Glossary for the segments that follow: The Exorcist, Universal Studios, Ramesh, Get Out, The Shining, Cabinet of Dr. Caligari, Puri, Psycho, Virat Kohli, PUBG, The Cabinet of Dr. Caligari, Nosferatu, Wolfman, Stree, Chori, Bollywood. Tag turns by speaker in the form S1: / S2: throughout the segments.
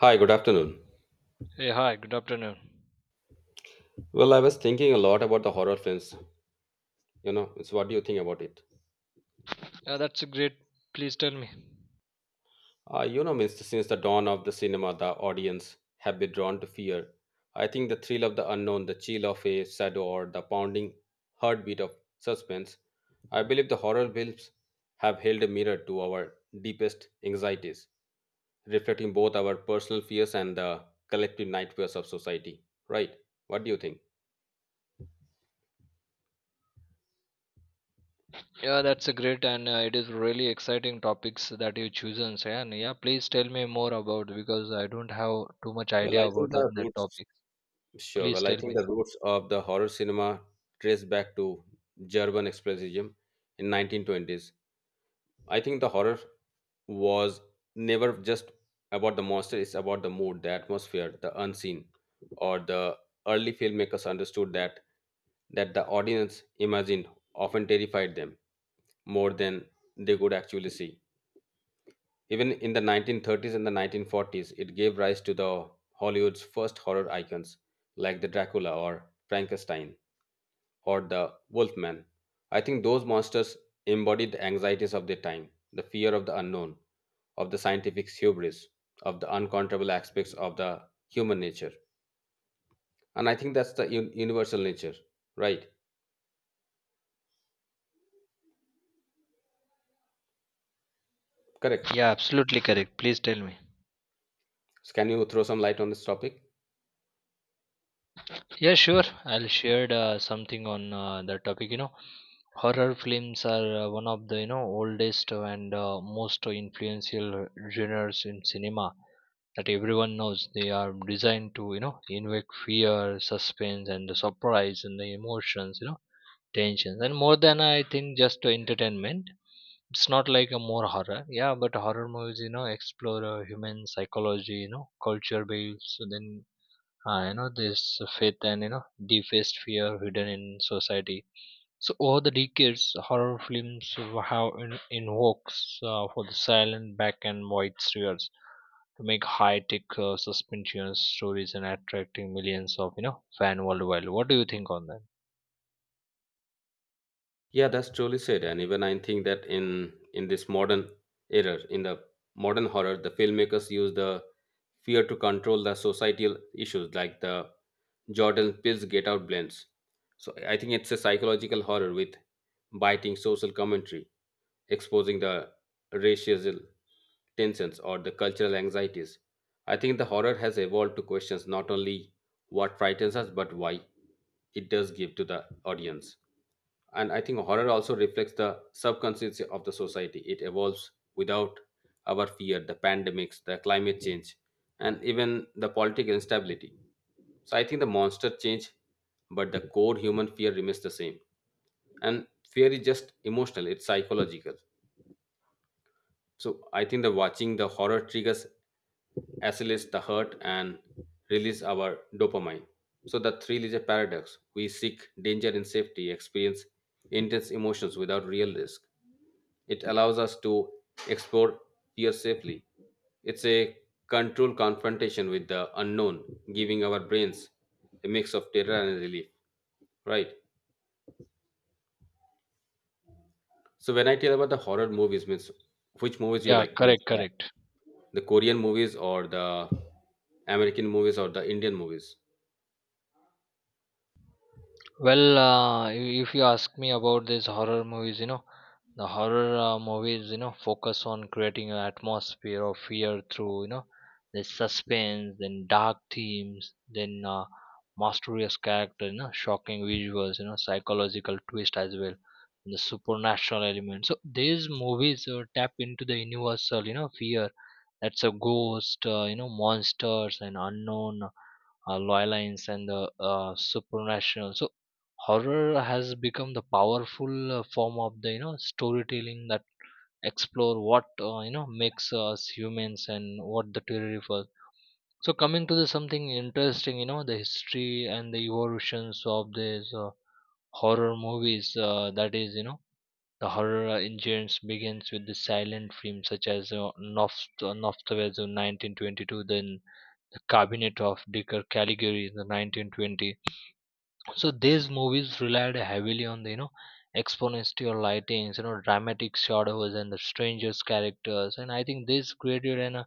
S1: Hi, good afternoon.
S2: Hey, hi, good afternoon.
S1: Well, I was thinking a lot about the horror films. You know, so what do you think about it?
S2: Yeah, that's a great. Please tell me.
S1: Means since the dawn of the cinema, the audience have been drawn to fear. I think the thrill of the unknown, the chill of a shadow, or the pounding heartbeat of suspense. I believe the horror films have held a mirror to our deepest anxieties, reflecting both our personal fears and the collective nightmares of society, right? What do you think?
S2: Yeah, that's a great and it is really exciting topics that you chosen, and yeah, please tell me more about because I don't have too much
S1: Well,
S2: idea
S1: I think
S2: about
S1: the
S2: on that
S1: roots
S2: topic.
S1: Sure.
S2: Please
S1: Well, I
S2: tell
S1: think
S2: me.
S1: the roots of the horror cinema trace back to German expressionism in 1920s. I think the horror was never just about the monster. It's about the mood, the atmosphere, the unseen. Or the early filmmakers understood that the audience imagined often terrified them more than they could actually see. Even in the 1930s and the 1940s, it gave rise to the Hollywood's first horror icons like the Dracula or Frankenstein or the Wolfman. I think those monsters embody the anxieties of their time, the fear of the unknown, of the scientific hubris, of the uncontrollable aspects of the human nature. And I think that's the universal nature, right? Correct.
S2: Yeah, absolutely correct. Please tell me.
S1: So can you throw some light on this topic?
S2: Yeah, sure. I'll share something on the topic. You know, horror films are one of the oldest and most influential genres in cinema that everyone knows. They are designed to invoke fear, suspense, and the surprise and the emotions. You know, tensions and more than I think just entertainment. It's not like a more horror, yeah, but horror movies, you know, explore human psychology, you know, culture based, so then you know this faith and deepest fear hidden in society. So over the decades, horror films have invoked for the silent black and white thrillers to make high-tech suspension stories and attracting millions of fan worldwide. What do you think on that?
S1: Yeah, that's truly said. And even I think that in this modern era, in the modern horror, the filmmakers use the fear to control the societal issues, like the Jordan Peele's Get Out blends. So I think it's a psychological horror with biting social commentary, exposing the racial tensions or the cultural anxieties. I think the horror has evolved to questions not only what frightens us but why it does give to the audience. And I think horror also reflects the subconscious of the society it evolves without our fear, the pandemics, the climate change, and even the political instability. So I think the monster change but the core human fear remains the same. And fear is just emotional, it's psychological. So I think the watching the horror triggers, accelerates the hurt and release our dopamine. So the thrill is a paradox. We seek danger and safety, experience intense emotions without real risk. It allows us to explore fear safely. It's a controlled confrontation with the unknown, giving our brains a mix of terror and relief. Right. So when I tell about the horror movies, means which movies you
S2: Yeah,
S1: like? Means
S2: correct, correct.
S1: the Korean movies or the American movies or the Indian movies?
S2: Well, if you ask me about these horror movies, you know, the horror movies, you know, focus on creating an atmosphere of fear through, you know, the suspense, then dark themes, then mysterious character, you know, shocking visuals, you know, psychological twist as well, and the supernatural element. So these movies tap into the universal, you know, fear. That's a ghost, you know, monsters and unknown loylines and the supernatural. So horror has become the powerful form of the storytelling that explore what you know makes us humans and what the terrifies. So coming to the something interesting, you know, the history and the evolutions of these horror movies that is, you know, the horror engines begins with the silent films such as Nosferatu 1922, then the cabinet of Dr. Caligari in the 1920. So these movies relied heavily on the, you know, exponential lightings, you know, dramatic shadows and the strangers characters, and I think this created an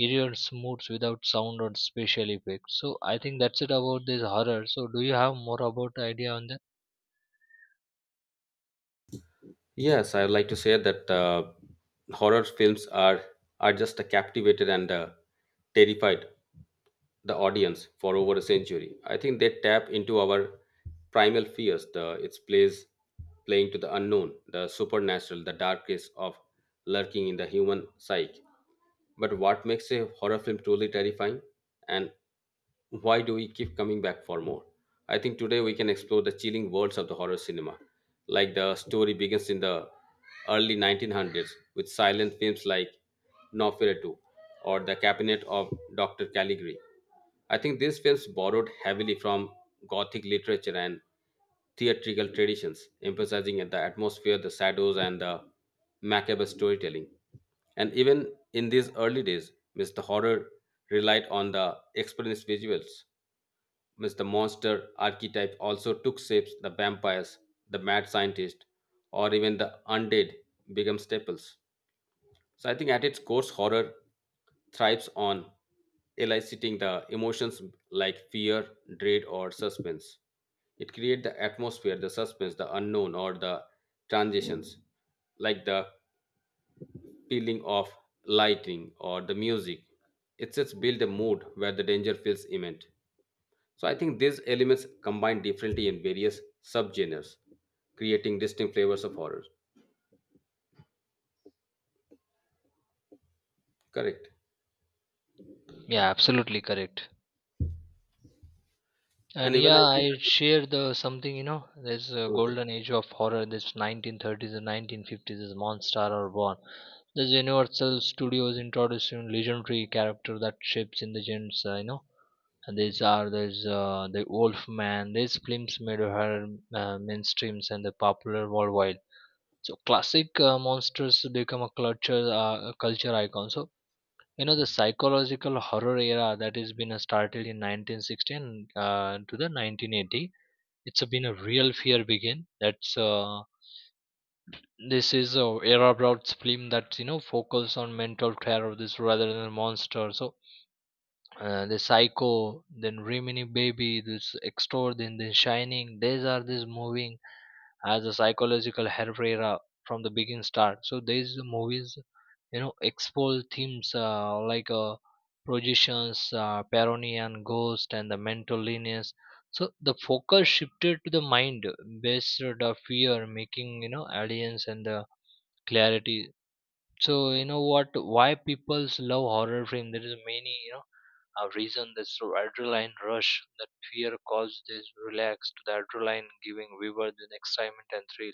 S2: eerie moods without sound or special effects. So I think that's it about this horror. So do you have more about idea on that?
S1: Yes, I would like to say that horror films are just captivated and terrified the audience for over a century. I think they tap into our primal fears, the its plays playing to the unknown, the supernatural, the darkest of lurking in the human psyche. But what makes a horror film truly terrifying? And why do we keep coming back for more? I think today we can explore the chilling worlds of the horror cinema. Like the story begins in the early 1900s with silent films like Nosferatu or The Cabinet of Dr. Caligari. I think these films borrowed heavily from Gothic literature and theatrical traditions, emphasizing the atmosphere, the shadows, and the macabre storytelling. And even in these early days, Mr. Horror relied on the experienced visuals. Mr. Monster archetype also took shapes the vampires, the mad scientist, or even the undead become staples. So I think at its core, horror thrives on eliciting the emotions like fear, dread, or suspense. It creates the atmosphere, the suspense, the unknown, or the transitions, like the peeling of lighting or the music. It sets build a mood where the danger feels imminent. So I think these elements combine differently in various subgenres, creating distinct flavors of horror. Correct.
S2: Yeah, absolutely correct.
S1: And
S2: And
S1: even I
S2: yeah, I share the something, you know, there's a
S1: think
S2: golden age of horror, this 1930s and 1950s, is monster are born. This Universal Studios introducing legendary character that shapes in the gens, you know. And these are, there's the Wolfman, these films made horror mainstreams and the popular worldwide. So classic monsters become a culture, a culture icon. So you know the psychological horror era that has been started in 1916 to the 1980. It's been a real fear begin, that's this is a era Broad's film that, you know, focus on mental terror of this rather than monster. So the psycho, then rimini baby, this extort, then the shining, these are this moving as a psychological herrera from the beginning start. So these movies, you know, expose themes like projections, parony and ghost and the mental illness. So the focus shifted to the mind based the fear making, you know, aliens and the clarity. So you know what, why people love horror film, there is many, you know, a reason. This adrenaline rush that fear caused this relax to the adrenaline, giving viewer the excitement and thrill.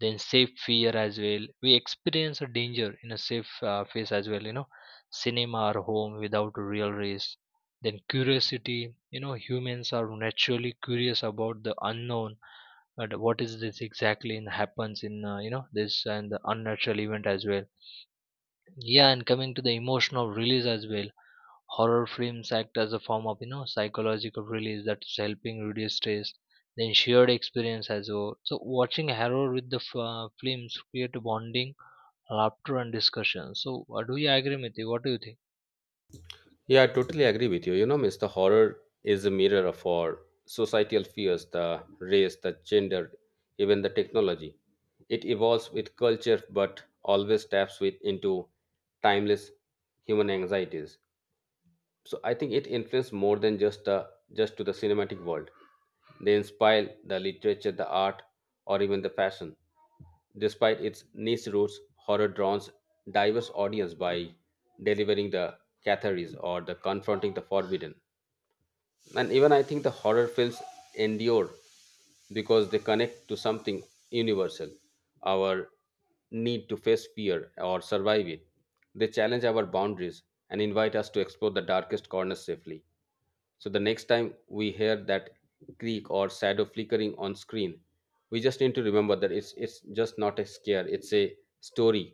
S2: Then safe fear as well, we experience a danger in a safe phase as well, you know, cinema or home without a real risk. Then curiosity, you know, humans are naturally curious about the unknown, but what is this exactly and happens in you know this and the unnatural event as well. Yeah, and coming to the emotional release as well, horror films act as a form of, you know, psychological release that's helping reduce stress. Then shared experience as well, so watching horror with films create bonding, laughter and discussion. So do you agree with you, what do you think?
S1: Yeah, I totally agree with you. You know, Mr. Horror is a mirror of our societal fears, the race, the gender, even the technology. It evolves with culture, but always taps with into timeless human anxieties. So I think it influenced more than just to the cinematic world. They inspire the literature, the art, or even the fashion. Despite its niche roots, horror draws diverse audience by delivering the catharsis or the confronting the forbidden. And even I think the horror films endure because they connect to something universal, our need to face fear or survive it. They challenge our boundaries and invite us to explore the darkest corners safely. So the next time we hear that creak or shadow flickering on screen, we just need to remember that it's just not a scare, it's a story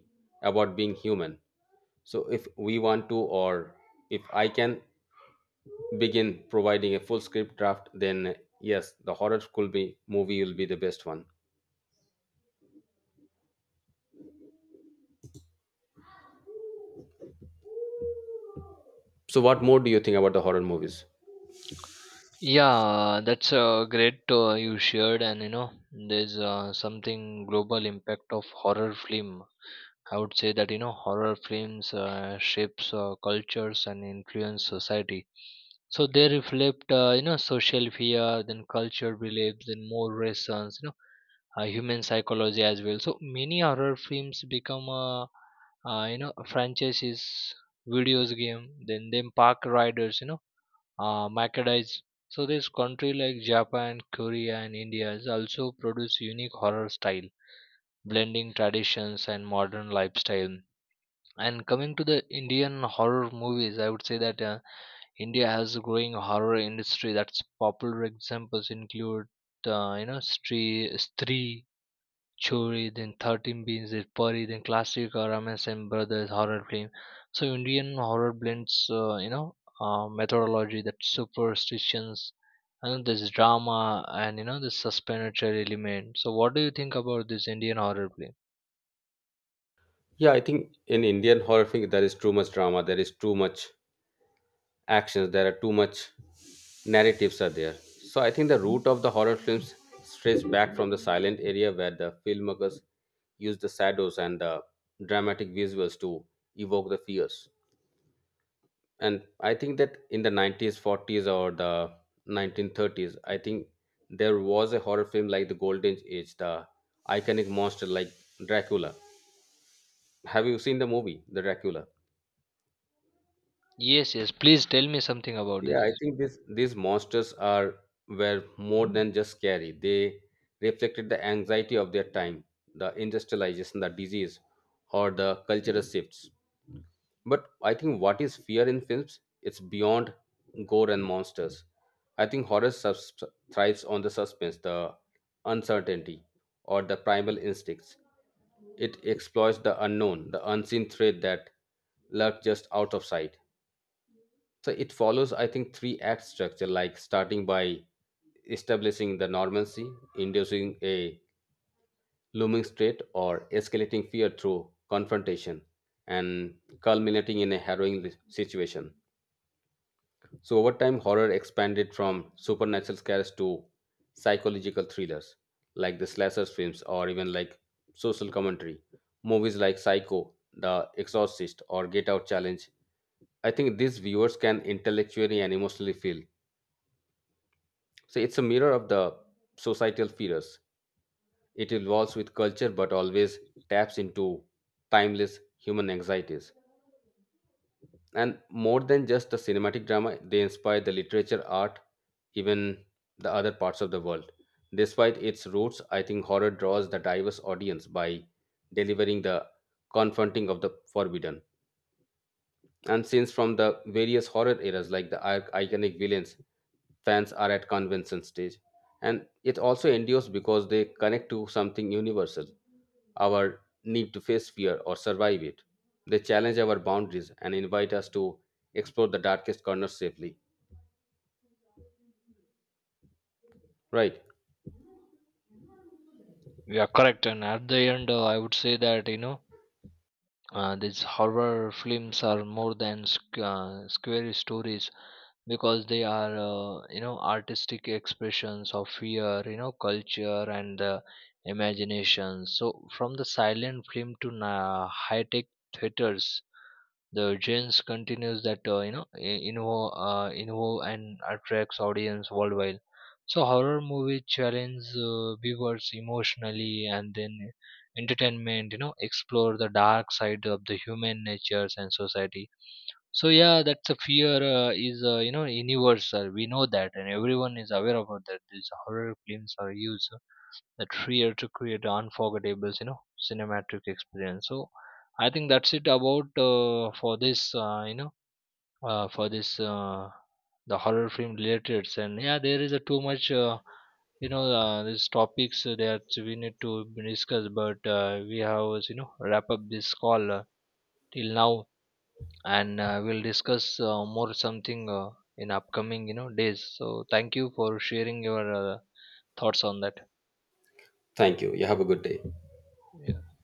S1: about being human. So if we want to, or if I can begin providing a full script draft, then yes, the horror could be movie will be the best one. So what more do you think about the horror movies?
S2: Yeah, that's great you shared, and you know, there's something global impact of horror film. I would say that you know horror films shapes cultures and influence society. So they reflect you know social fear, then culture beliefs, then more reasons, you know, human psychology as well. So many horror films become you know franchises, videos game, then them park riders, you know merchandise. So this country like Japan, Korea, and India also produce unique horror style, blending traditions and modern lifestyle. And coming to the Indian horror movies, I would say that India has a growing horror industry. That's popular examples include you know Stree, Chori, then 13 Beans, then Puri, then classic Ramesh and Brothers horror film. So Indian horror blends, you know, methodology that superstitions, and this drama, and you know, this suspensory element. So what do you think about this Indian horror film?
S1: Yeah, I think in Indian horror film there is too much drama, there is too much actions, there are too much narratives are there. So I think the root of the horror films strays back from the silent area where the filmmakers use the shadows and the dramatic visuals to evoke the fears. And I think that in the 90s, 40s, or the 1930s, I think there was a horror film like the golden age, the iconic monster like Dracula. Have you seen the movie the Dracula?
S2: Yes, yes. Please tell me something about
S1: Yeah,
S2: this.
S1: I think this these monsters are were more than just scary. They reflected the anxiety of their time, the industrialization, the disease, or the cultural shifts. But I think what is fear in films? It's beyond gore and monsters. I think thrives on the suspense, the uncertainty, or the primal instincts. It exploits the unknown, the unseen threat that lurks just out of sight. So it follows, I think, three act structure, like starting by establishing the normalcy, inducing a looming threat or escalating fear through confrontation and culminating in a harrowing situation. So, over time, horror expanded from supernatural scares to psychological thrillers like the slasher films or even like social commentary. Movies like Psycho, The Exorcist, or Get Out Challenge. I think these viewers can intellectually and emotionally feel. So, it's a mirror of the societal fears. It evolves with culture but always taps into timeless human anxieties. And more than just the cinematic drama, they inspire the literature, art, even the other parts of the world. Despite its roots, I think horror draws the diverse audience by delivering the confronting of the forbidden and scenes from the various horror eras like the iconic villains fans are at convention stage. And it also endures because they connect to something universal, our need to face fear or survive it. They challenge our boundaries and invite us to explore the darkest corners safely, right?
S2: You are correct, and at the end, I would say that, you know, these horror films are more than scary stories, because they are you know artistic expressions of fear, you know, culture and the imagination. So from the silent film to high tech theaters, the gens continues that, you know, I- invo invo and attracts audience worldwide. So horror movie challenge viewers emotionally and then entertainment, you know, explore the dark side of the human natures and society. So yeah, that's a fear is, you know, universal, we know that and everyone is aware about that, these horror films are used that fear to create unforgettable, you know, cinematic experience. So I think that's it about for this you know, for this the horror film related. And yeah, there is a too much you know these topics that we need to discuss, but we have, you know, wrap up this call till now. And we'll discuss more something in upcoming, you know, days. So thank you for sharing your thoughts on that.
S1: Thank you. You have a good day.
S2: Yeah.